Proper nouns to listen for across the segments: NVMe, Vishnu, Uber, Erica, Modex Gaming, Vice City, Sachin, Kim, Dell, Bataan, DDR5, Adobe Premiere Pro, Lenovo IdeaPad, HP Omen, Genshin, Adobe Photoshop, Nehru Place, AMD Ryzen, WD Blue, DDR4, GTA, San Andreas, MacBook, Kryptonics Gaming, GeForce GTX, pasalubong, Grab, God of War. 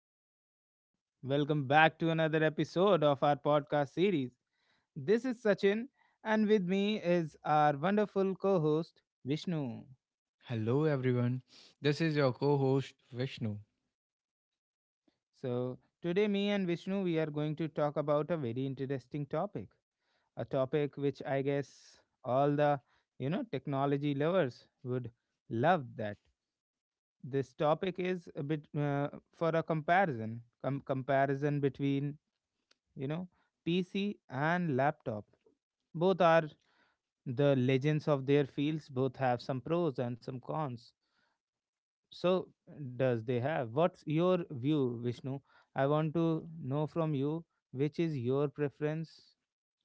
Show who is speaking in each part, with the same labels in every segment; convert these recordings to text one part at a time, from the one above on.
Speaker 1: everyone. Welcome back to another episode of our podcast series. This is Sachin, and with me is our wonderful co host, Vishnu.
Speaker 2: Hello, everyone. This is your co host Vishnu.
Speaker 1: So, today, me and Vishnu, we are going to talk about a very interesting topic, a topic which I guess all the technology lovers would love. That this topic is a bit for a comparison comparison between you know PC and laptop. Both are the legends of their fields, both have some pros and some cons. So does they have? What's your view, Vishnu? I want to know from you, which is your preference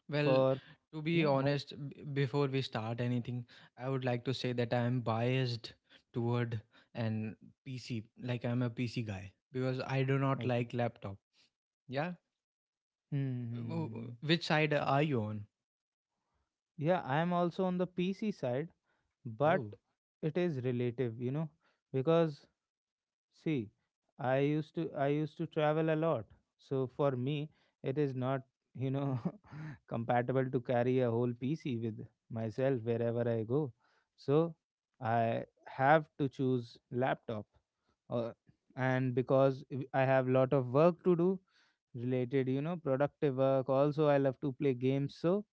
Speaker 2: Well,
Speaker 1: for
Speaker 2: to
Speaker 1: you
Speaker 2: be
Speaker 1: know, mo-
Speaker 2: honest, before we start anything, I would like to say that I am biased toward an PC, like I'm a PC guy, because I do not
Speaker 1: okay.
Speaker 2: like laptop. Yeah?
Speaker 1: Hmm.
Speaker 2: Which side are you on?
Speaker 1: Yeah, I am also on the PC side, but
Speaker 2: Oh,
Speaker 1: it is relative because, see, I used to travel a lot. So for me, it is not, you know, compatible to carry a whole PC with myself wherever I go. So I have to choose laptop. Uh, and because I have lot of work to do related, productive work. Also, I love to play games. So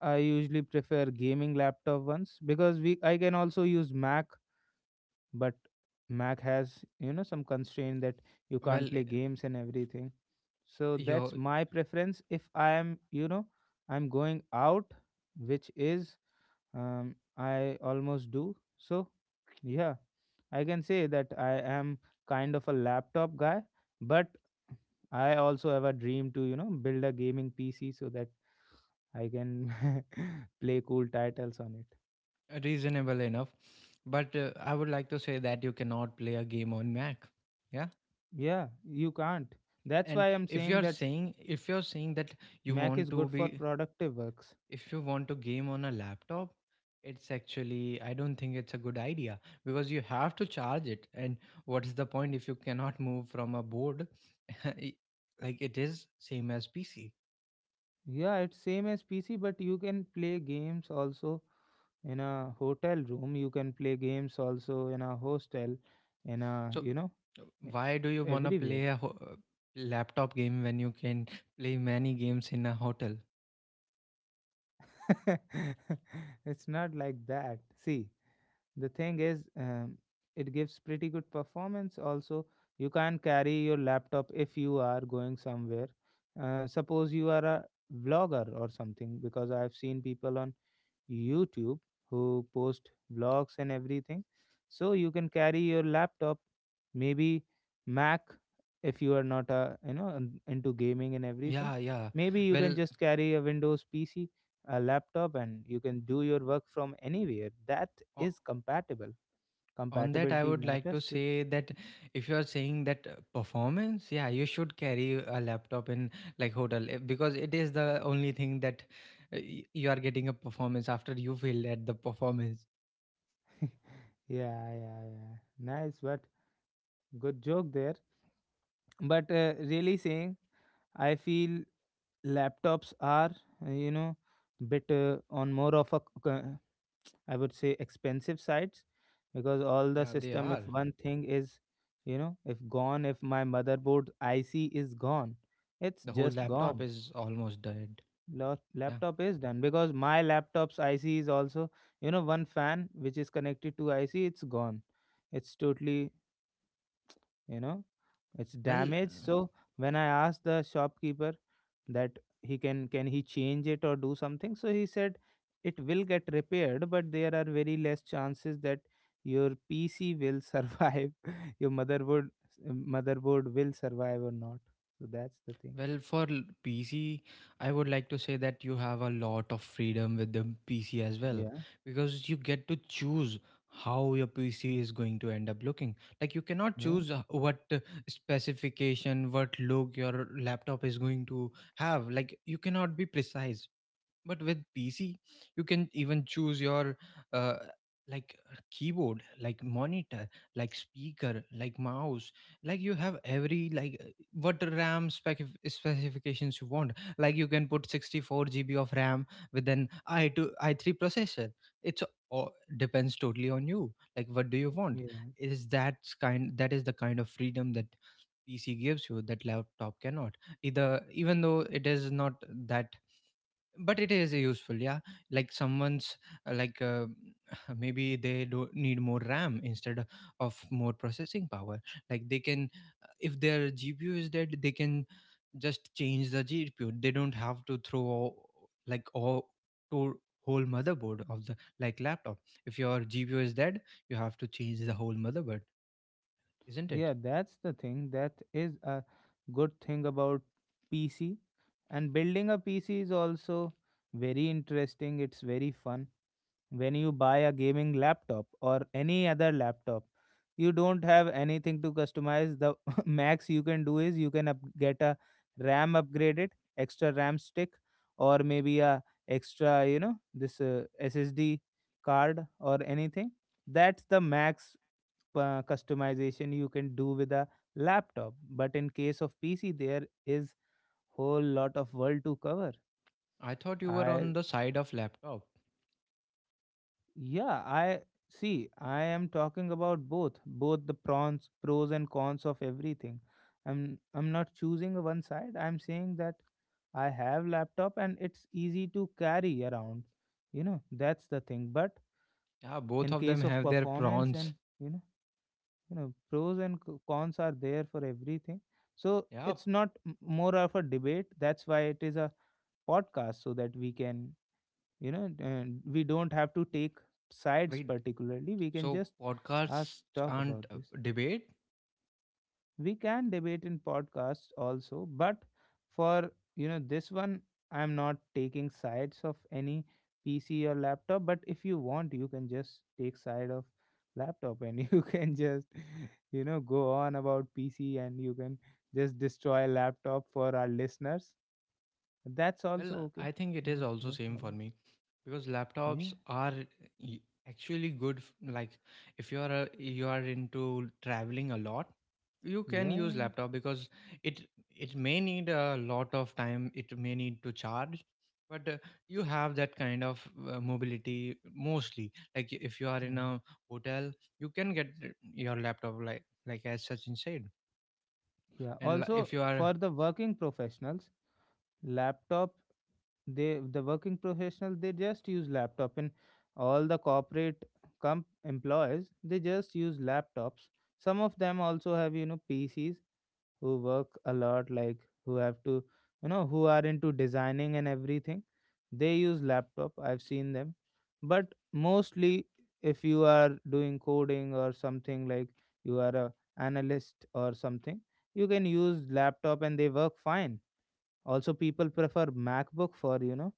Speaker 1: I usually prefer gaming laptop ones because we I can also use Mac, but Mac has some constraint that you can't
Speaker 2: well,
Speaker 1: play games and everything. So
Speaker 2: you're
Speaker 1: that's my preference, if I am you know I'm going out, which is, I almost do, so yeah, I can say that I am kind of a laptop guy. But I also have a dream to build a gaming PC, so that I can play cool titles on it.
Speaker 2: reasonable enough. But I would like to say that you cannot play a game on Mac. Yeah?
Speaker 1: Yeah, you can't, that's
Speaker 2: And
Speaker 1: why I'm
Speaker 2: if
Speaker 1: saying
Speaker 2: you're
Speaker 1: that
Speaker 2: saying if you're saying that you
Speaker 1: Mac
Speaker 2: want
Speaker 1: is
Speaker 2: to
Speaker 1: good for
Speaker 2: be
Speaker 1: productive works.
Speaker 2: if you want to game on a laptop, it's actually, I don't think it's a good idea because you have to charge it, and what is the point if you cannot move from a board? i- like, it is same as PC.
Speaker 1: Yeah, it's same as PC, but you can play games also in a hotel room. You can play games also in a hostel, in a,
Speaker 2: so uh,
Speaker 1: e-
Speaker 2: why do you want to
Speaker 1: everywhere.
Speaker 2: play a laptop game when you can play many games in a hotel?
Speaker 1: It's not like that. See, the thing is, it gives pretty good performance. Also, you can carry your laptop if you are going somewhere. Suppose you are a vlogger or something, because I've seen people on YouTube who post vlogs and everything. So you can carry your laptop, maybe Mac, if you are not a into gaming and everything.
Speaker 2: Yeah, yeah.
Speaker 1: Maybe you can
Speaker 2: Well,
Speaker 1: just carry a Windows PC, a laptop, and you can do your work from anywhere. That
Speaker 2: o-
Speaker 1: is compatible.
Speaker 2: on that I
Speaker 1: Compatibility
Speaker 2: would like to
Speaker 1: matters to.
Speaker 2: say that if you are saying that performance, yeah, you should carry a laptop in like hotel, because it is the only thing that you are getting a performance after you failed at the performance.
Speaker 1: Yeah, yeah, yeah. Nice, but good joke there. But really saying, I feel laptops are uh, you know bit on more of a I would say expensive sides, because all the
Speaker 2: Yeah, they
Speaker 1: system, if
Speaker 2: are.
Speaker 1: one thing is if my motherboard IC is gone, it's
Speaker 2: The whole
Speaker 1: just
Speaker 2: laptop
Speaker 1: gone.
Speaker 2: is almost dead. Yeah.
Speaker 1: Laptop is done, because my laptop's IC is also, one fan which is connected to IC, it's gone, it's totally, you know it's
Speaker 2: well
Speaker 1: damaged,
Speaker 2: uh,
Speaker 1: so when I asked the shopkeeper that he can he change it or do something, so he said it will get repaired, but there are very less chances that your PC will survive, your motherboard will survive or not. So that's the thing.
Speaker 2: Well, for PC, I would like to say that you have a lot of freedom with the PC as well,
Speaker 1: Yeah,
Speaker 2: because you get to choose how your PC is going to end up looking. Like, you cannot
Speaker 1: yeah,
Speaker 2: choose what specification, what look your laptop is going to have. Like, you cannot be precise, but with PC you can even choose your uh, like keyboard, like monitor, like speaker, like mouse. Like, you have every like what RAM specifications you want. Like you can put 64 GB of RAM with an i2 i3 processor. It's all depends totally on you, like what do you want.
Speaker 1: yeah,
Speaker 2: Is that kind, that is the kind of freedom that PC gives you that laptop cannot, either, even though it is not that, but it is useful. Yeah. Like someone's, like, maybe they do need more RAM instead of more processing power. Like they can, if their GPU is dead, they can just change the GPU. They don't have to throw like all, to whole motherboard of the like laptop. If your GPU is dead, you have to change the whole motherboard, isn't it?
Speaker 1: yeah, that's the thing. That is a good thing about PC. And building a PC is also very interesting, it's very fun. When you buy a gaming laptop or any other laptop, you don't have anything to customize. The max you can do is, you can get a RAM upgraded, extra RAM stick, or maybe a extra this SSD card or anything. That's the max customization you can do with a laptop. But in case of PC, there is whole lot of world to cover.
Speaker 2: I thought you were
Speaker 1: I
Speaker 2: on the side of laptop.
Speaker 1: Yeah, I see. I am talking about both, the prawns, pros and cons of everything. I'm not choosing one side. I'm saying that I have laptop and it's easy to carry around. That's the thing. But
Speaker 2: Yeah, both
Speaker 1: in
Speaker 2: of them
Speaker 1: case of
Speaker 2: have their
Speaker 1: performance
Speaker 2: prawns.
Speaker 1: and you know, pros and cons are there for everything. So
Speaker 2: Yeah.
Speaker 1: it's not more of a debate. That's why it is a podcast, so that we can, and we don't have to take sides
Speaker 2: Wait.
Speaker 1: particularly, we can
Speaker 2: So,
Speaker 1: just ask
Speaker 2: podcasts
Speaker 1: talk about
Speaker 2: aren't
Speaker 1: this.
Speaker 2: debate.
Speaker 1: We can debate in podcasts also, but for this one, I'm not taking sides of any PC or laptop. But if you want, you can just take side of laptop and you can just go on about PC, and you can just destroy laptop for our listeners. That's
Speaker 2: Well,
Speaker 1: also okay.
Speaker 2: I think it is
Speaker 1: No,
Speaker 2: also
Speaker 1: no
Speaker 2: same for
Speaker 1: problem.
Speaker 2: me, because
Speaker 1: Yeah,
Speaker 2: laptops are y- actually good. Like if you are you are into traveling a lot, you can use
Speaker 1: yeah,
Speaker 2: laptop, because it it may need a lot of time. It may need to charge, but you have that kind of mobility mostly. Like if you are in
Speaker 1: yeah.
Speaker 2: a hotel, you can get your laptop, like as Sachin said.
Speaker 1: Yeah.
Speaker 2: And
Speaker 1: Also,
Speaker 2: if you are...
Speaker 1: for the working professionals, laptop they the working professionals, they just use laptop, and all the corporate comp employees, they just use laptops. Some of them also have, PCs, who work a lot, like who have to, who are into designing and everything, they use laptop, I've seen them. But mostly, if you are doing coding or something, like you are a analyst or something, you can use laptop and they work fine. Also, people prefer MacBook for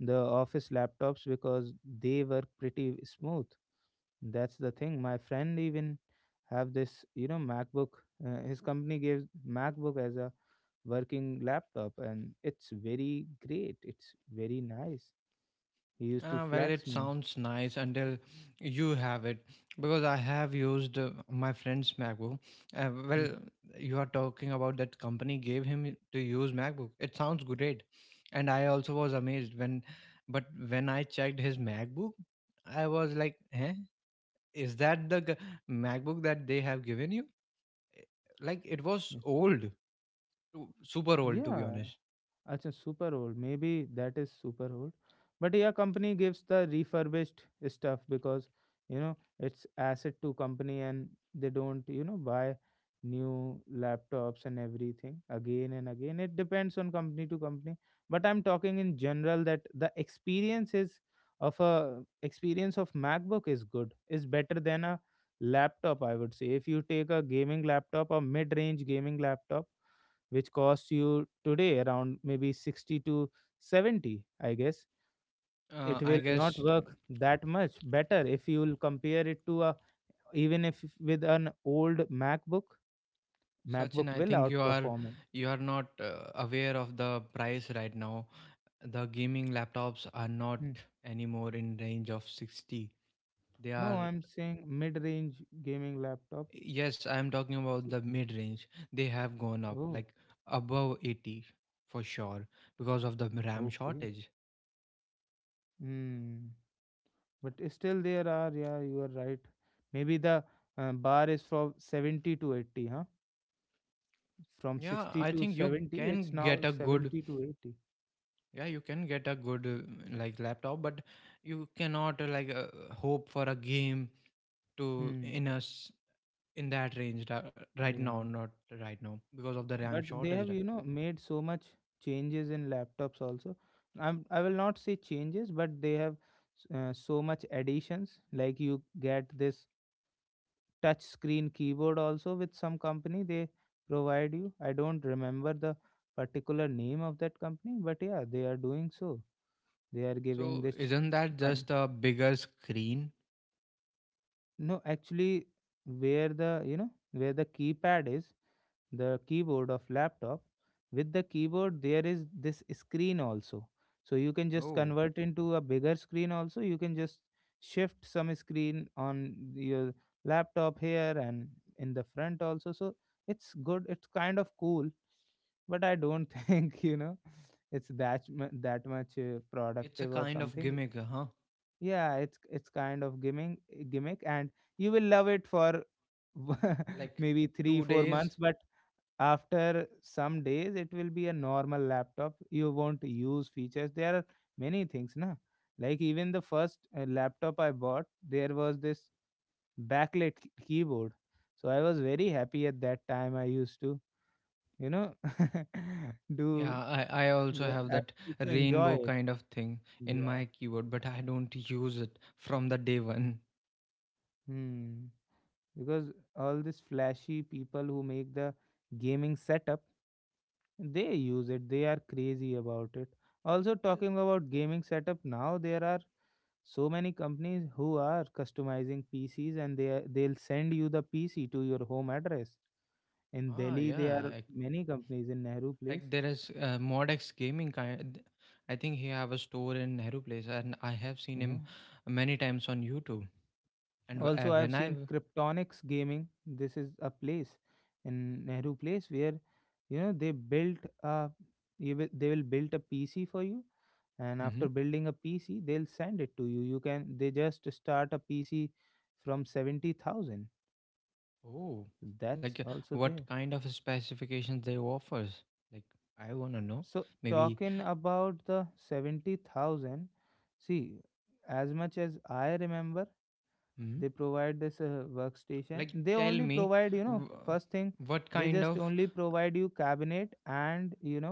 Speaker 1: the office laptops because they work pretty smooth. That's the thing. My friend even have this, MacBook. His company gives MacBook as a working laptop, and it's very great. It's very nice. He used to
Speaker 2: Well, it
Speaker 1: flex me.
Speaker 2: sounds nice until you have it, because I have used my friend's MacBook. Well,
Speaker 1: Hmm.
Speaker 2: you are talking about that company gave him to use MacBook. It sounds great, and I also was amazed but when I checked his MacBook, I was like, "Huh? Is that the MacBook that they have given you?" Eh, Like it was old, super old to be
Speaker 1: Yeah,
Speaker 2: honest.
Speaker 1: acha, super old. Maybe that is super old. But yeah, company gives the refurbished stuff, because it's asset to company, and they don't, buy new laptops and everything again and again. It depends on company to company. But I'm talking in general that the experience is of a experience of MacBook is good. Is better than a laptop, I would say. If you take a gaming laptop, a mid-range gaming laptop which costs you today around maybe 60 to 70, I guess it
Speaker 2: I
Speaker 1: will not
Speaker 2: guess
Speaker 1: work that much better if you'll compare it to a, even if with an old macbook
Speaker 2: Sachin,
Speaker 1: macbook
Speaker 2: I
Speaker 1: will
Speaker 2: think you are
Speaker 1: outperform it.
Speaker 2: not aware of the price right now. The gaming laptops are not
Speaker 1: Hmm.
Speaker 2: anymore in range of 60. They
Speaker 1: No,
Speaker 2: are
Speaker 1: I'm saying mid-range gaming laptop.
Speaker 2: Yes, I am talking about
Speaker 1: S-
Speaker 2: the mid range. They have gone up
Speaker 1: oh,
Speaker 2: like above 80 for sure because of the RAM
Speaker 1: okay.
Speaker 2: shortage.
Speaker 1: Hmm. But still there are yeah, you are right. Maybe the bar is from 70 to 80, huh, from
Speaker 2: Yeah,
Speaker 1: 60
Speaker 2: I
Speaker 1: to
Speaker 2: think you
Speaker 1: 70 it's
Speaker 2: can
Speaker 1: now
Speaker 2: get a good,
Speaker 1: 70 to 80.
Speaker 2: yeah, you can get a good like laptop, but you cannot like hope for a game to
Speaker 1: Hmm.
Speaker 2: in us in that range right now,
Speaker 1: Yeah,
Speaker 2: not right now, because of the RAM
Speaker 1: but they
Speaker 2: shortage.
Speaker 1: have, made so much changes in laptops also. I will not say changes, but they have so much additions. Like you get this touch screen keyboard also with some company, they provide you. I don't remember the particular name of that company, but yeah, they are doing so. They are giving
Speaker 2: So
Speaker 1: this.
Speaker 2: isn't that
Speaker 1: Con-
Speaker 2: just a bigger screen?
Speaker 1: no, actually, where the keypad is, the keyboard of laptop, with the keyboard there is this screen also. So you can just
Speaker 2: Oh,
Speaker 1: convert into a bigger screen, also you can just shift some screen on your laptop here and in the front also. So it's good, it's kind of cool, but I don't think, it's that much
Speaker 2: it's a
Speaker 1: productive or
Speaker 2: kind of
Speaker 1: something.
Speaker 2: gimmick, huh?
Speaker 1: Yeah, it's, kind of gimmick, and you will love it for
Speaker 2: Like
Speaker 1: maybe
Speaker 2: two
Speaker 1: 3 4
Speaker 2: days.
Speaker 1: months, but after some days it will be a normal laptop, you won't use features. There are many things, na. Like even the first laptop I bought, there was this backlit keyboard. So I was very happy at that time, I used to, you know do,
Speaker 2: Yeah, I also
Speaker 1: yeah,
Speaker 2: have
Speaker 1: I
Speaker 2: that
Speaker 1: used to enjoy
Speaker 2: rainbow
Speaker 1: it,
Speaker 2: kind of thing in
Speaker 1: yeah.
Speaker 2: my keyboard, but I don't use it from the day one.
Speaker 1: Hmm. Because all these flashy people who make the gaming setup, they use it, they are crazy about it. Also,
Speaker 2: Well,
Speaker 1: talking about gaming setup now, there are so many companies who are customizing PCs, and they'll send you the PC to your home address. In
Speaker 2: ah,
Speaker 1: Delhi, there
Speaker 2: yeah,
Speaker 1: are
Speaker 2: like,
Speaker 1: many companies in Nehru Place.
Speaker 2: like there is Modex Gaming kind. I think he have a store in Nehru Place, and I have seen
Speaker 1: Yeah.
Speaker 2: him many times on YouTube. And
Speaker 1: Also, I have
Speaker 2: when
Speaker 1: seen Kryptonics Gaming. This is a place in Nehru Place where, you know they built a they will build a PC for you, and after
Speaker 2: Mhm.
Speaker 1: building a PC, they'll send it to you. You can They just start a PC from 70,000.
Speaker 2: Oh,
Speaker 1: That's
Speaker 2: like
Speaker 1: also
Speaker 2: what
Speaker 1: there.
Speaker 2: kind of specifications they offers? Like I wanna know.
Speaker 1: So
Speaker 2: Maybe,
Speaker 1: talking about the 70,000, see, as much as I remember,
Speaker 2: hmm?
Speaker 1: they provide this workstation,
Speaker 2: Like
Speaker 1: they
Speaker 2: tell
Speaker 1: only
Speaker 2: me,
Speaker 1: provide,
Speaker 2: w-
Speaker 1: first thing,
Speaker 2: what
Speaker 1: they
Speaker 2: kind
Speaker 1: just
Speaker 2: of?
Speaker 1: only provide you cabinet and, you know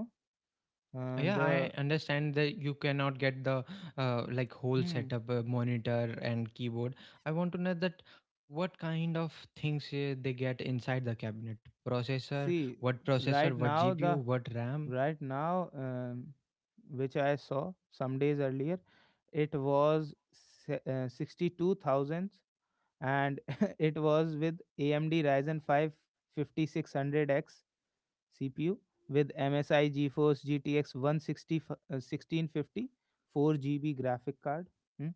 Speaker 1: uh,
Speaker 2: Yeah,
Speaker 1: the,
Speaker 2: I understand that you cannot get the like whole
Speaker 1: hmm,
Speaker 2: setup, monitor and keyboard. I want to know that what kind of things they get inside the cabinet.
Speaker 1: see s-
Speaker 2: Processor,
Speaker 1: right
Speaker 2: what
Speaker 1: now the
Speaker 2: GPU, what RAM
Speaker 1: right now, which I saw some days earlier, it was 62,000, and it was with AMD Ryzen 5 5600 x CPU, with MSI GeForce GTX 160 1650 4 GB graphic card. hmm,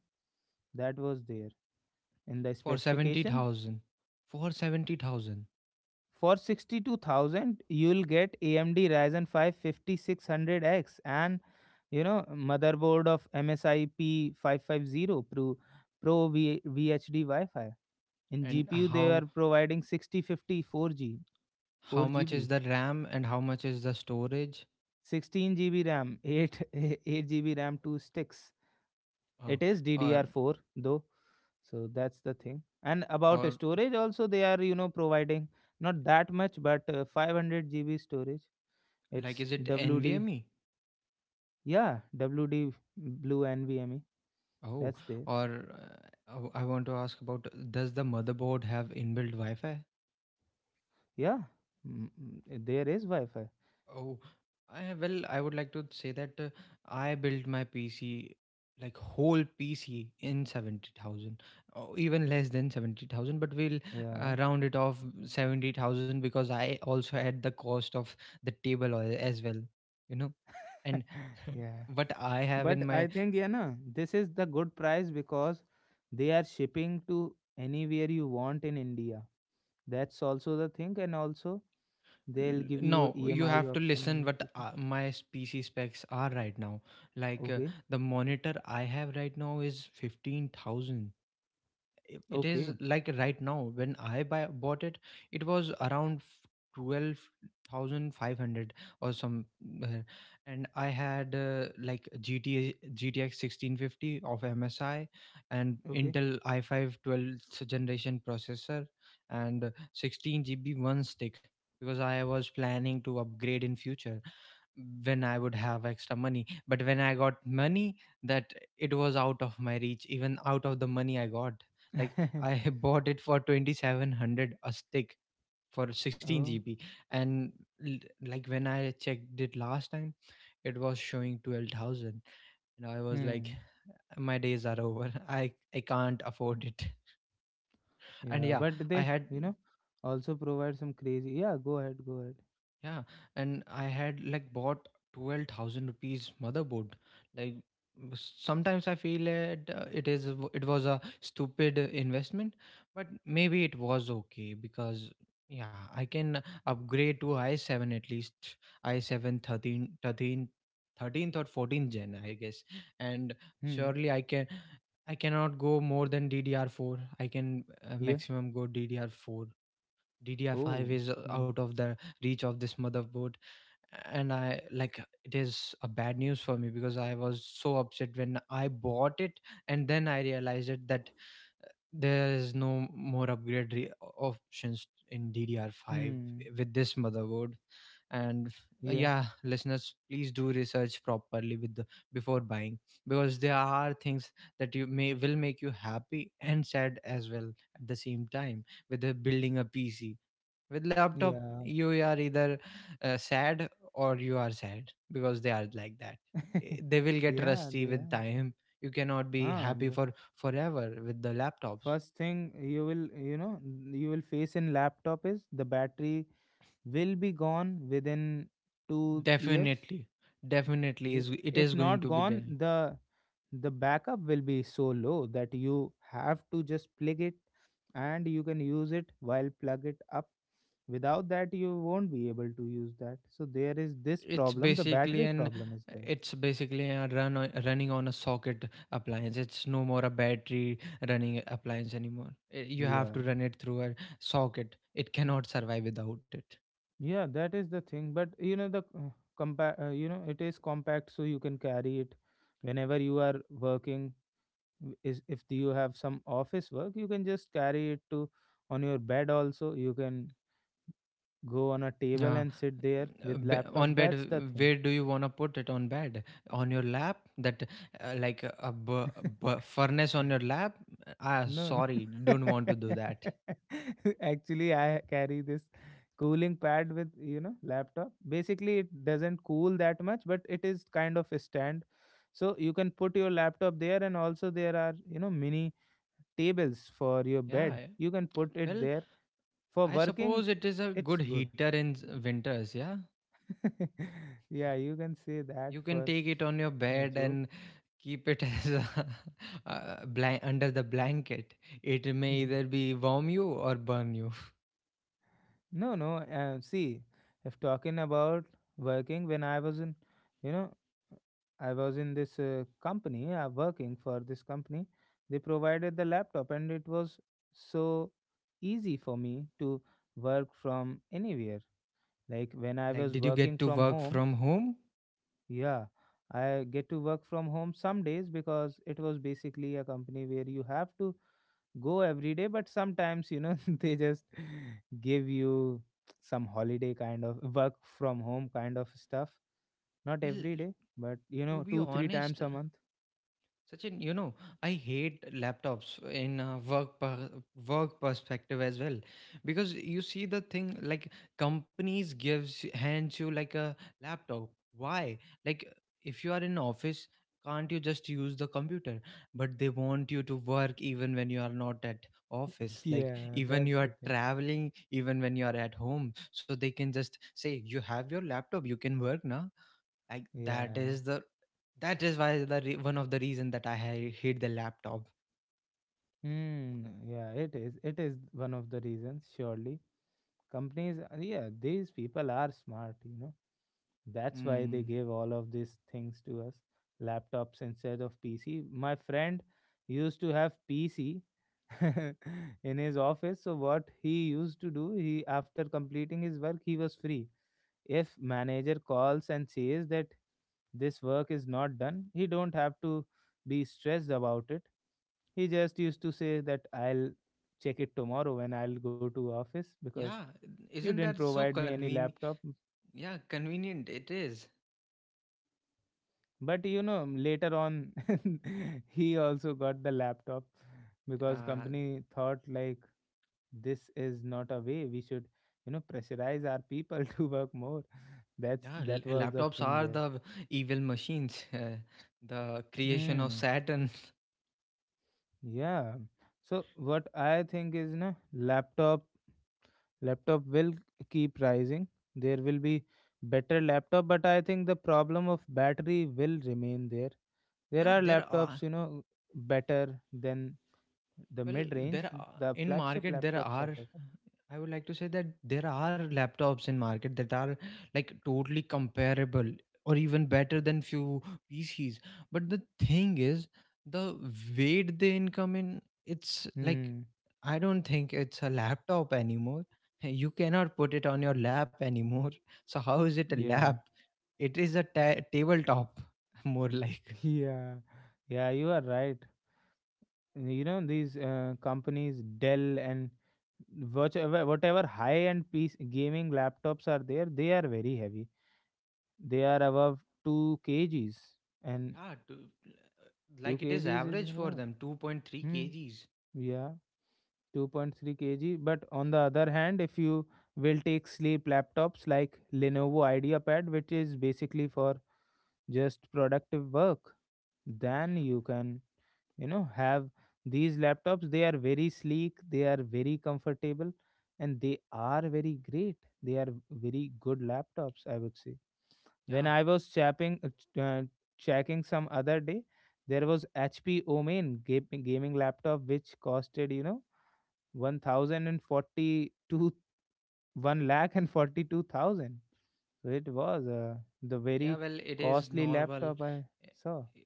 Speaker 1: That was there in the
Speaker 2: for seventy
Speaker 1: specification.
Speaker 2: thousand, for seventy thousand,
Speaker 1: For 62,000, you'll get AMD Ryzen 5 5600 x, and motherboard of MSI P550 Pro VHD Wi-Fi. In
Speaker 2: and
Speaker 1: GPU, they
Speaker 2: how?
Speaker 1: are providing 6054 g
Speaker 2: How much is
Speaker 1: 4 GB,
Speaker 2: the RAM and how much is the storage?
Speaker 1: 16 GB RAM, 8 8 GB RAM, two sticks.
Speaker 2: Oh,
Speaker 1: It is
Speaker 2: or
Speaker 1: DDR4 though, so that's the thing. And about
Speaker 2: or
Speaker 1: storage, also they are providing not that much, but 500 GB storage.
Speaker 2: like,
Speaker 1: It's
Speaker 2: is it
Speaker 1: WD,
Speaker 2: NVMe?
Speaker 1: yeah, WD Blue NVMe.
Speaker 2: Oh,
Speaker 1: That's there.
Speaker 2: or I want to ask about, does the motherboard have inbuilt Wi-Fi?
Speaker 1: Yeah, mm, mm, there is Wi-Fi.
Speaker 2: Oh, I would like to say that I built my PC, like whole PC, in 70,000 or even less than 70,000, but we'll
Speaker 1: Yeah,
Speaker 2: round it off 70,000 because I also had the cost of the table as well, you know. And
Speaker 1: yeah.
Speaker 2: what I have in
Speaker 1: But I
Speaker 2: my...
Speaker 1: think yeah, na this is the good price because they are shipping to anywhere you want in India. That's also the thing, and also they'll give
Speaker 2: No,
Speaker 1: you
Speaker 2: you
Speaker 1: EMI
Speaker 2: have to
Speaker 1: option and
Speaker 2: listen what
Speaker 1: everything.
Speaker 2: my PC specs are right now. Like
Speaker 1: Okay.
Speaker 2: the monitor I have right now is 15,000. It is
Speaker 1: Okay.
Speaker 2: like right now, when bought it, it was around 12,500 or some. uh, and I had like GTA 1650 of MSI and
Speaker 1: Okay.
Speaker 2: Intel i5 generation processor and 16 GB one stick, because I was planning to upgrade in future when I would have extra money. But when I got money, that it was out of my reach, even out of the money I got. Like, I bought it for 2,700 a stick for 16
Speaker 1: Oh.
Speaker 2: GB and l- like when I checked it last time it was showing 12,000, and I was like,
Speaker 1: Hmm.
Speaker 2: my days are over, I can't afford it. And
Speaker 1: Yeah.
Speaker 2: yeah,
Speaker 1: But
Speaker 2: I
Speaker 1: they,
Speaker 2: had...
Speaker 1: you know, also provide some crazy. Yeah. Go ahead. Go ahead.
Speaker 2: Yeah, and I had like bought 12,000 rupees motherboard. Like, sometimes I feel it, it is a it was a stupid investment, but maybe it was okay because yeah, I can upgrade to i7, at least i7 13th or 14th gen, I guess. And
Speaker 1: Hmm.
Speaker 2: surely I can, I cannot go more than DDR4. I can
Speaker 1: Yeah.
Speaker 2: maximum go DDR4. DDR5
Speaker 1: Oh.
Speaker 2: is
Speaker 1: Hmm.
Speaker 2: out of the reach of this motherboard. And I, like, it is a bad news for me because I was so upset when I bought it and then I realized it that uh, there is no more upgrade options in DDR5
Speaker 1: Hmm.
Speaker 2: with this motherboard. And
Speaker 1: Yeah.
Speaker 2: yeah, listeners, please do research properly with the before buying, because there are things that you may will make you happy and sad as well at the same time with the building a PC. With laptop,
Speaker 1: Yeah.
Speaker 2: you are either sad or you are sad because they are like that. They will get
Speaker 1: Yeah. They
Speaker 2: rusty with
Speaker 1: are.
Speaker 2: time. You cannot be
Speaker 1: Huh.
Speaker 2: happy
Speaker 1: The
Speaker 2: for forever with the laptops.
Speaker 1: first thing you will face in laptop is the battery will be gone within 2 years.
Speaker 2: Definitely,
Speaker 1: Wi-
Speaker 2: is it
Speaker 1: if
Speaker 2: is going
Speaker 1: not
Speaker 2: to be
Speaker 1: gone,
Speaker 2: there.
Speaker 1: the backup will be so low that you have to just plug it, and you can use it while plug it up. Without that, you won't be able to use that, so there is this
Speaker 2: it's
Speaker 1: problem. The
Speaker 2: basically
Speaker 1: battery
Speaker 2: an
Speaker 1: problem is there.
Speaker 2: it's basically a running on a socket appliance. It's no more a battery running appliance anymore. You have
Speaker 1: Yeah,
Speaker 2: to run it through a socket. It cannot survive without it.
Speaker 1: yeah, that is the thing. But the it is compact, so you can carry it whenever you are working. Is if you have some office work, you can just carry it to on your bed. Also, you can go on a table
Speaker 2: Yeah.
Speaker 1: and sit there with laptop.
Speaker 2: On bed,
Speaker 1: That's the thing.
Speaker 2: where do you want to put it? On bed, on your lap? That, like a, b- b- furnace on your lap. Ah,
Speaker 1: No,
Speaker 2: sorry,
Speaker 1: no.
Speaker 2: don't want to do that.
Speaker 1: Actually, I carry this cooling pad with laptop. Basically, it doesn't cool that much, but it is kind of a stand, so you can put your laptop there. And also, there are mini tables for your
Speaker 2: Yeah,
Speaker 1: bed.
Speaker 2: yeah.
Speaker 1: You can put it
Speaker 2: Well,
Speaker 1: there for
Speaker 2: I
Speaker 1: working.
Speaker 2: suppose it is a
Speaker 1: It's
Speaker 2: good
Speaker 1: good.
Speaker 2: heater in winters. Yeah,
Speaker 1: Yeah, you can say that
Speaker 2: you can
Speaker 1: for
Speaker 2: take it on your
Speaker 1: a
Speaker 2: bed
Speaker 1: joke.
Speaker 2: and keep it as a, under the blanket. It may either be warm you or burn you.
Speaker 1: No, no. See, if talking about working, when you know, I was in this company, working for this company, they provided the laptop, and it was so easy for me to work from anywhere. Like when I
Speaker 2: Like,
Speaker 1: was
Speaker 2: did you
Speaker 1: working
Speaker 2: get to
Speaker 1: from
Speaker 2: work
Speaker 1: home,
Speaker 2: from home?
Speaker 1: yeah, I get to work from home some days because it was basically a company where you have to go every day, but sometimes they just give you some holiday kind of work from home kind of stuff. Not
Speaker 2: Well,
Speaker 1: every day, but
Speaker 2: to be
Speaker 1: 2 3 times
Speaker 2: honest,
Speaker 1: a month.
Speaker 2: Sachin, I hate laptops in a work perspective as well, because you see the thing like, companies gives hands you like a laptop. Why? Like, if you are in office, can't you just use the computer? But they want you to work even when you are not at office. Like
Speaker 1: Yeah,
Speaker 2: even
Speaker 1: that's
Speaker 2: you
Speaker 1: the
Speaker 2: are
Speaker 1: thing.
Speaker 2: traveling, even when you are at home. So they can just say you have your laptop, you can work now. like that
Speaker 1: Yeah.
Speaker 2: is the that is why, one of the reason that I hate the laptop.
Speaker 1: Hmm. Yeah, it is. It is one of the reasons, surely. Companies, yeah, these people are smart. That's why they
Speaker 2: Mm,
Speaker 1: gave all of these things to us. Laptops instead of PC. My friend used to have PC in his office. So what he used to do, he after completing his work, he was free. If manager calls and says that this work is not done, he don't have to be stressed about it. He just used to say that I'll check it tomorrow when I'll go to office
Speaker 2: yeah,
Speaker 1: because you
Speaker 2: isn't
Speaker 1: didn't
Speaker 2: that so
Speaker 1: provide me any
Speaker 2: convenient?
Speaker 1: laptop.
Speaker 2: Yeah, convenient it is.
Speaker 1: But later on, he also got the laptop because
Speaker 2: uh,
Speaker 1: company thought like this is not a way we should, pressurize our people to work more. That's
Speaker 2: yeah,
Speaker 1: that was the
Speaker 2: laptops
Speaker 1: thing
Speaker 2: are
Speaker 1: there.
Speaker 2: the evil machines. The creation of
Speaker 1: Hmm.
Speaker 2: Saturn.
Speaker 1: Yeah. So what I think is, no, laptop will keep rising. There will be better laptop, but I think the problem of battery will remain there. There
Speaker 2: Yeah,
Speaker 1: are
Speaker 2: there
Speaker 1: laptops,
Speaker 2: are.
Speaker 1: you know, better than the
Speaker 2: Well,
Speaker 1: mid-range.
Speaker 2: there are
Speaker 1: The
Speaker 2: in
Speaker 1: flagship
Speaker 2: market there
Speaker 1: laptops are
Speaker 2: are
Speaker 1: better.
Speaker 2: I would like to say that there are laptops in market that are, like, totally comparable or even better than few PCs. But the thing is, the weight they income in, it's like
Speaker 1: Hmm.
Speaker 2: I don't think it's a laptop anymore. You cannot put it on your lap anymore. So how is it a
Speaker 1: Yeah.
Speaker 2: lap? It is a tabletop, more like.
Speaker 1: Yeah. Yeah, you are right. You know these companies, Dell and whatever high-end piece gaming laptops are there, they are very heavy. They are above two kgs, and
Speaker 2: Yeah,
Speaker 1: two
Speaker 2: like it is
Speaker 1: kgs is
Speaker 2: average
Speaker 1: a
Speaker 2: for
Speaker 1: lot.
Speaker 2: them 2.3
Speaker 1: Hmm.
Speaker 2: kgs.
Speaker 1: Yeah. 2.3 kg. But on the other hand, if you will take sleep laptops like Lenovo IdeaPad, which is basically for just productive work, then you can have these laptops. They are very sleek, they are very comfortable, and they are very great. They are very good laptops, I would say. When
Speaker 2: Yeah,
Speaker 1: I was checking some other day, there was HP Omen gaming laptop, which costed 1042 1 lakh and 42,000. So it was the
Speaker 2: yeah,
Speaker 1: very
Speaker 2: well, it is
Speaker 1: costly
Speaker 2: normal.
Speaker 1: laptop I
Speaker 2: Eh,
Speaker 1: saw.
Speaker 2: eh,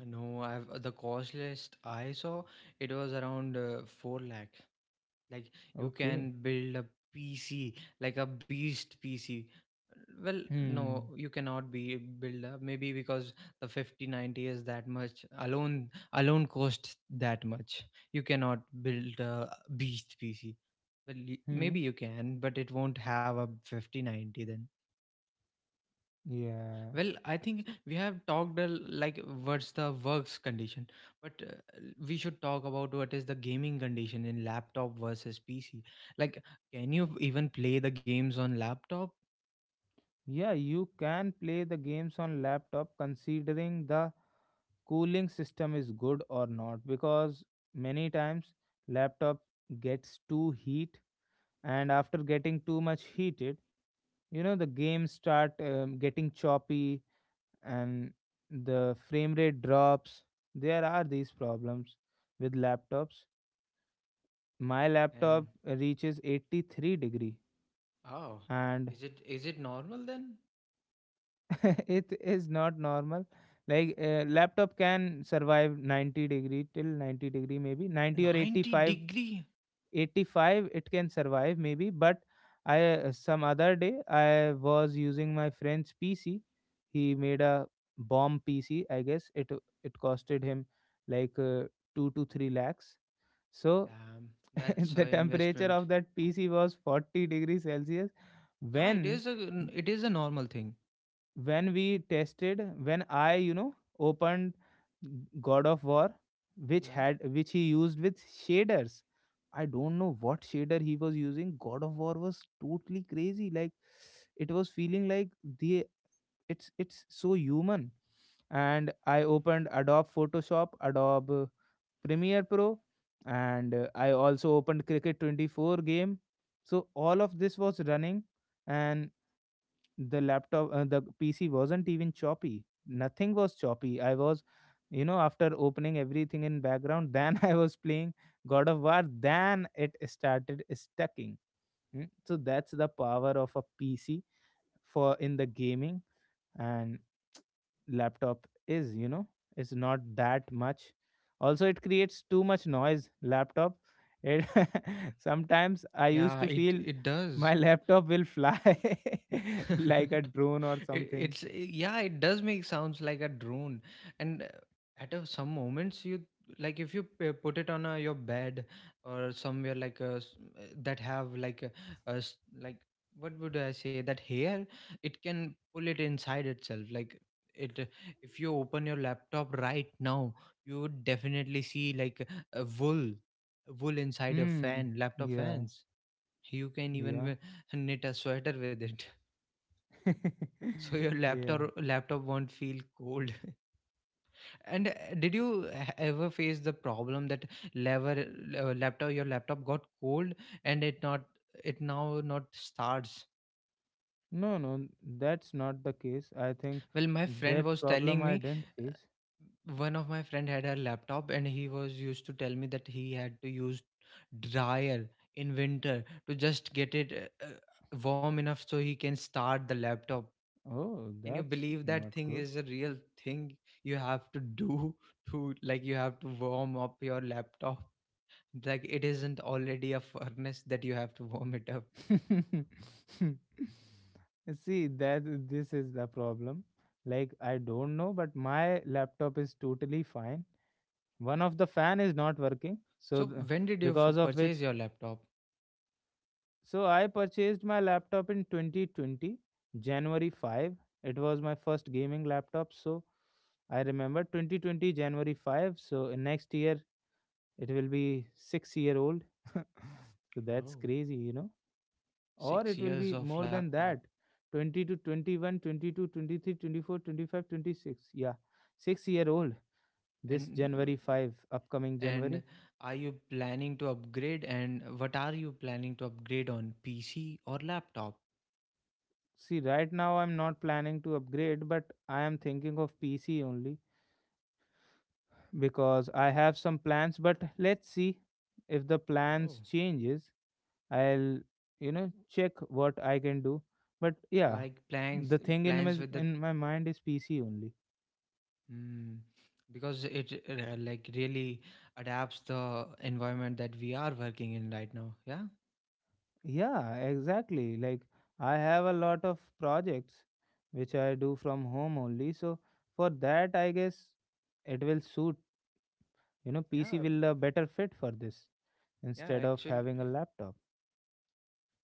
Speaker 2: No, I've the cost list I saw. It was around 4 lakh. Like, you
Speaker 1: Okay.
Speaker 2: can build a PC, like a beast PC. Well, no,
Speaker 1: Hmm.
Speaker 2: you cannot be build up maybe because the 5090 is that much alone. Alone costs that much. You cannot build a beast PC. Well, maybe
Speaker 1: Hmm.
Speaker 2: you can, but it won't have a 5090 then.
Speaker 1: Yeah.
Speaker 2: Well, I think we have talked a Like, what's the works condition? But we should talk about what is the gaming condition in laptop versus PC. Like, can you even play the games on laptop?
Speaker 1: Yeah, you can play the games on laptop, considering the cooling system is good or not, because many times laptop gets too heat, and after getting too much heated, the games start getting choppy, and the frame rate drops. There are these problems with laptops. My laptop
Speaker 2: And
Speaker 1: reaches 83 degree,
Speaker 2: oh,
Speaker 1: and
Speaker 2: is it normal then?
Speaker 1: it is not normal. Like laptop can survive 90 degree, till 90 degree, maybe 90 or
Speaker 2: 90
Speaker 1: 85
Speaker 2: degree?
Speaker 1: 85 it can survive maybe. But I some other day, I was using my friend's PC. He made a bomb PC, I guess. It costed him like 2 to 3 lakhs. So
Speaker 2: Damn, that's
Speaker 1: the
Speaker 2: an
Speaker 1: temperature
Speaker 2: investment.
Speaker 1: of that PC was 40-degree Celsius.
Speaker 2: Yeah, it is
Speaker 1: when
Speaker 2: a normal thing.
Speaker 1: when we tested, when I opened God of War, which
Speaker 2: Yeah,
Speaker 1: had which he used with shaders, I don't know what shader he was using. God of War was totally crazy. Like, it was feeling like the it's so human. And I opened Adobe Photoshop, Adobe Premiere Pro, and I also opened Cricket 24 game. So all of this was running, and the PC wasn't even choppy. Nothing was choppy. I was after opening everything in background, then I was playing God of War. Then it started stacking. So that's the power of a PC for in the gaming. And laptop is, it's not that much. Also, it creates too much noise, laptop. It, sometimes I used
Speaker 2: yeah,
Speaker 1: to
Speaker 2: it
Speaker 1: feel
Speaker 2: it
Speaker 1: my
Speaker 2: does.
Speaker 1: laptop will fly like a drone or
Speaker 2: it,
Speaker 1: something.
Speaker 2: it's yeah, it does make sounds like a drone. And at some moments you, like, if you put it on your bed or somewhere like that have, like, like, what would I say, that hair it can pull it inside itself. Like, it if you open your laptop right now, you would definitely see, like, a wool inside a
Speaker 1: Hmm.
Speaker 2: fan laptop
Speaker 1: Yeah.
Speaker 2: fans. You can even
Speaker 1: Yeah.
Speaker 2: knit a sweater with it, so your
Speaker 1: Yeah.
Speaker 2: laptop won't feel cold. And did you ever face the problem that lever laptop your laptop got cold and it now not starts?
Speaker 1: No, no, that's not the case. I think
Speaker 2: Well, my friend
Speaker 1: that
Speaker 2: was
Speaker 1: problem
Speaker 2: telling
Speaker 1: I
Speaker 2: me
Speaker 1: didn't face.
Speaker 2: one of my friend had a laptop and he was used to tell me that he had to use dryer in winter to just get it warm enough so he can start the laptop.
Speaker 1: Oh,
Speaker 2: Can you
Speaker 1: that's
Speaker 2: believe
Speaker 1: not
Speaker 2: that thing
Speaker 1: good.
Speaker 2: is a real thing you have to do, to, like, you have to warm up your laptop? Like, it isn't already a furnace that you have to warm it up.
Speaker 1: See, that this is the problem. Like, I don't know, but my laptop is totally fine. One of the fan is not working, so
Speaker 2: So when did you
Speaker 1: because of
Speaker 2: purchase
Speaker 1: which.
Speaker 2: your laptop?
Speaker 1: So I purchased my laptop in 2020, January 5. It was my first gaming laptop, so I remember 2020 January 5. So next year it will be 6-year-old. so that's
Speaker 2: Oh,
Speaker 1: crazy, you know. Or
Speaker 2: six
Speaker 1: it will
Speaker 2: years
Speaker 1: be
Speaker 2: of
Speaker 1: more than
Speaker 2: laptop.
Speaker 1: that. 20 to 21, 22, 23, 24, 25, 26. Yeah. 6 year old this
Speaker 2: and uh,
Speaker 1: January 5 upcoming January.
Speaker 2: and are you planning to upgrade? And what are you planning to upgrade, on PC or laptop?
Speaker 1: See, right now I'm not planning to upgrade, but I am thinking of PC only, because I have some plans, but let's see if the
Speaker 2: Oh,
Speaker 1: plans changes. I'll check what I can do. But yeah,
Speaker 2: like, plans
Speaker 1: the thing in
Speaker 2: plans
Speaker 1: my
Speaker 2: with the
Speaker 1: in my mind is PC only.
Speaker 2: Mm, because it, like, really adapts the environment that we are working in right now. Yeah,
Speaker 1: Yeah, exactly. Like, I have a lot of projects which I do from home only. So for that, I guess it will suit. PC
Speaker 2: yeah,
Speaker 1: will a better fit for this
Speaker 2: yeah.
Speaker 1: instead of
Speaker 2: Actually,
Speaker 1: having a laptop.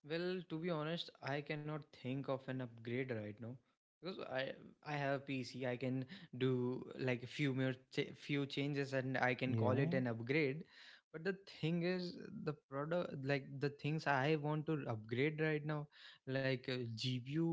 Speaker 2: well, to be honest, I cannot think of an upgrade right now, because I have a PC. I can do like a few more ch- few changes and I can call it
Speaker 1: Yeah.
Speaker 2: an upgrade. But the thing is, the product like the things I want to upgrade right now, like, GPU,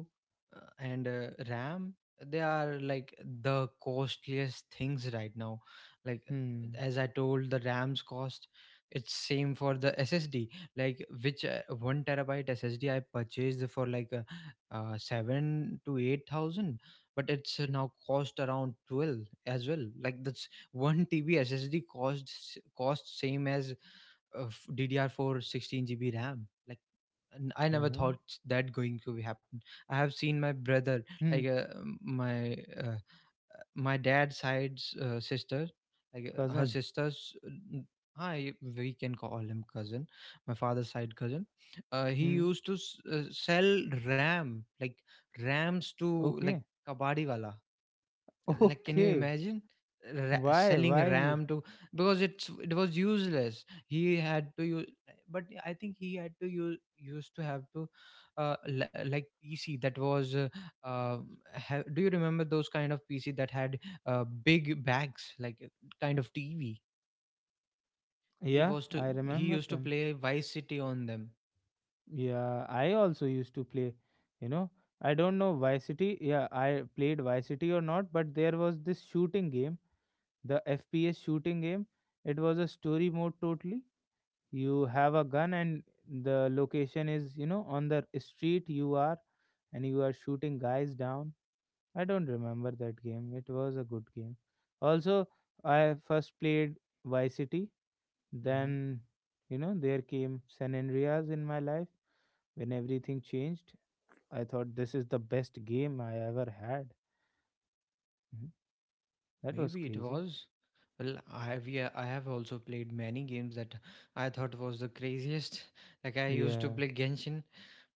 Speaker 2: and RAM, they are like the costliest things right now. Like,
Speaker 1: Hmm.
Speaker 2: as I told, the RAM's cost. It's same for the SSD, like, which 1 TB ssd I purchased for like 7 to 8,000, but it's now cost around 12 as well. Like, that's 1 TB ssd cost same as DDR4 gb ram. Like, I never
Speaker 1: Yeah.
Speaker 2: thought that going to be happen. I have seen my brother, like,
Speaker 1: Hmm.
Speaker 2: my, uh, my dad's side's sister, like, her
Speaker 1: Cousin.
Speaker 2: sister's, hi, we can call him cousin, my father's side cousin. He
Speaker 1: Hmm.
Speaker 2: used to sell ram, like rams to, like,
Speaker 1: Okay.
Speaker 2: kabadi wala. Like, can you
Speaker 1: Okay.
Speaker 2: imagine
Speaker 1: Why?
Speaker 2: selling
Speaker 1: Why?
Speaker 2: ram to? Because it was useless, he had to use. But I think he had to use used to have to, like PC that was, do you remember those kind of PC that had, big bags, like, kind of TV.
Speaker 1: Yeah, I
Speaker 2: He
Speaker 1: remember
Speaker 2: used to
Speaker 1: them.
Speaker 2: play Vice City on them.
Speaker 1: Yeah, I also used to play, you know. I don't know Vice City. Yeah, I played Vice City or not, but there was this shooting game, the FPS shooting game. It was a story mode totally. You have a gun, and the location is on the street you are, and you are shooting guys down. I don't remember that game. It was a good game. Also, I first played Vice City.
Speaker 2: Mm-hmm.
Speaker 1: Then there came San Andreas in my life when everything changed. I thought this is the best game I ever had. Mhm. That was
Speaker 2: Maybe it
Speaker 1: crazy.
Speaker 2: was. Well, I have yeah, I have also played many games that I thought was the craziest. Like, I used to
Speaker 1: Yeah.
Speaker 2: play Genshin,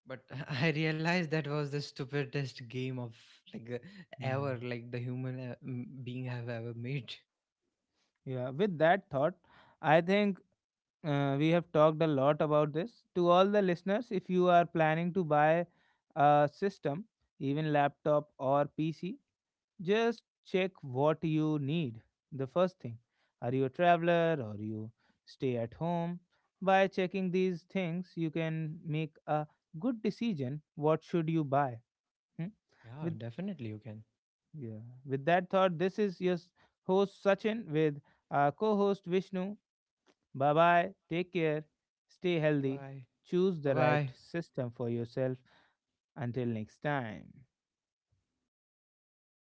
Speaker 2: but I realized that was the stupidest game of, like, ever,
Speaker 1: Mm.
Speaker 2: like the human, being have ever made.
Speaker 1: Yeah. With that thought, I think we have talked a lot about this. To all the listeners, if you are planning to buy a system, even laptop or PC, just check what you need. The first thing, are you a traveler or you stay at home? By checking these things, you can make a good decision. What should you buy? Hmm?
Speaker 2: Yeah,
Speaker 1: With
Speaker 2: definitely you can.
Speaker 1: yeah, with that thought, this is your host Sachin with our co-host Vishnu. Bye bye. Take care. Stay
Speaker 2: Bye
Speaker 1: healthy.
Speaker 2: bye.
Speaker 1: Choose
Speaker 2: Bye
Speaker 1: the right
Speaker 2: bye.
Speaker 1: system for yourself. Until next time.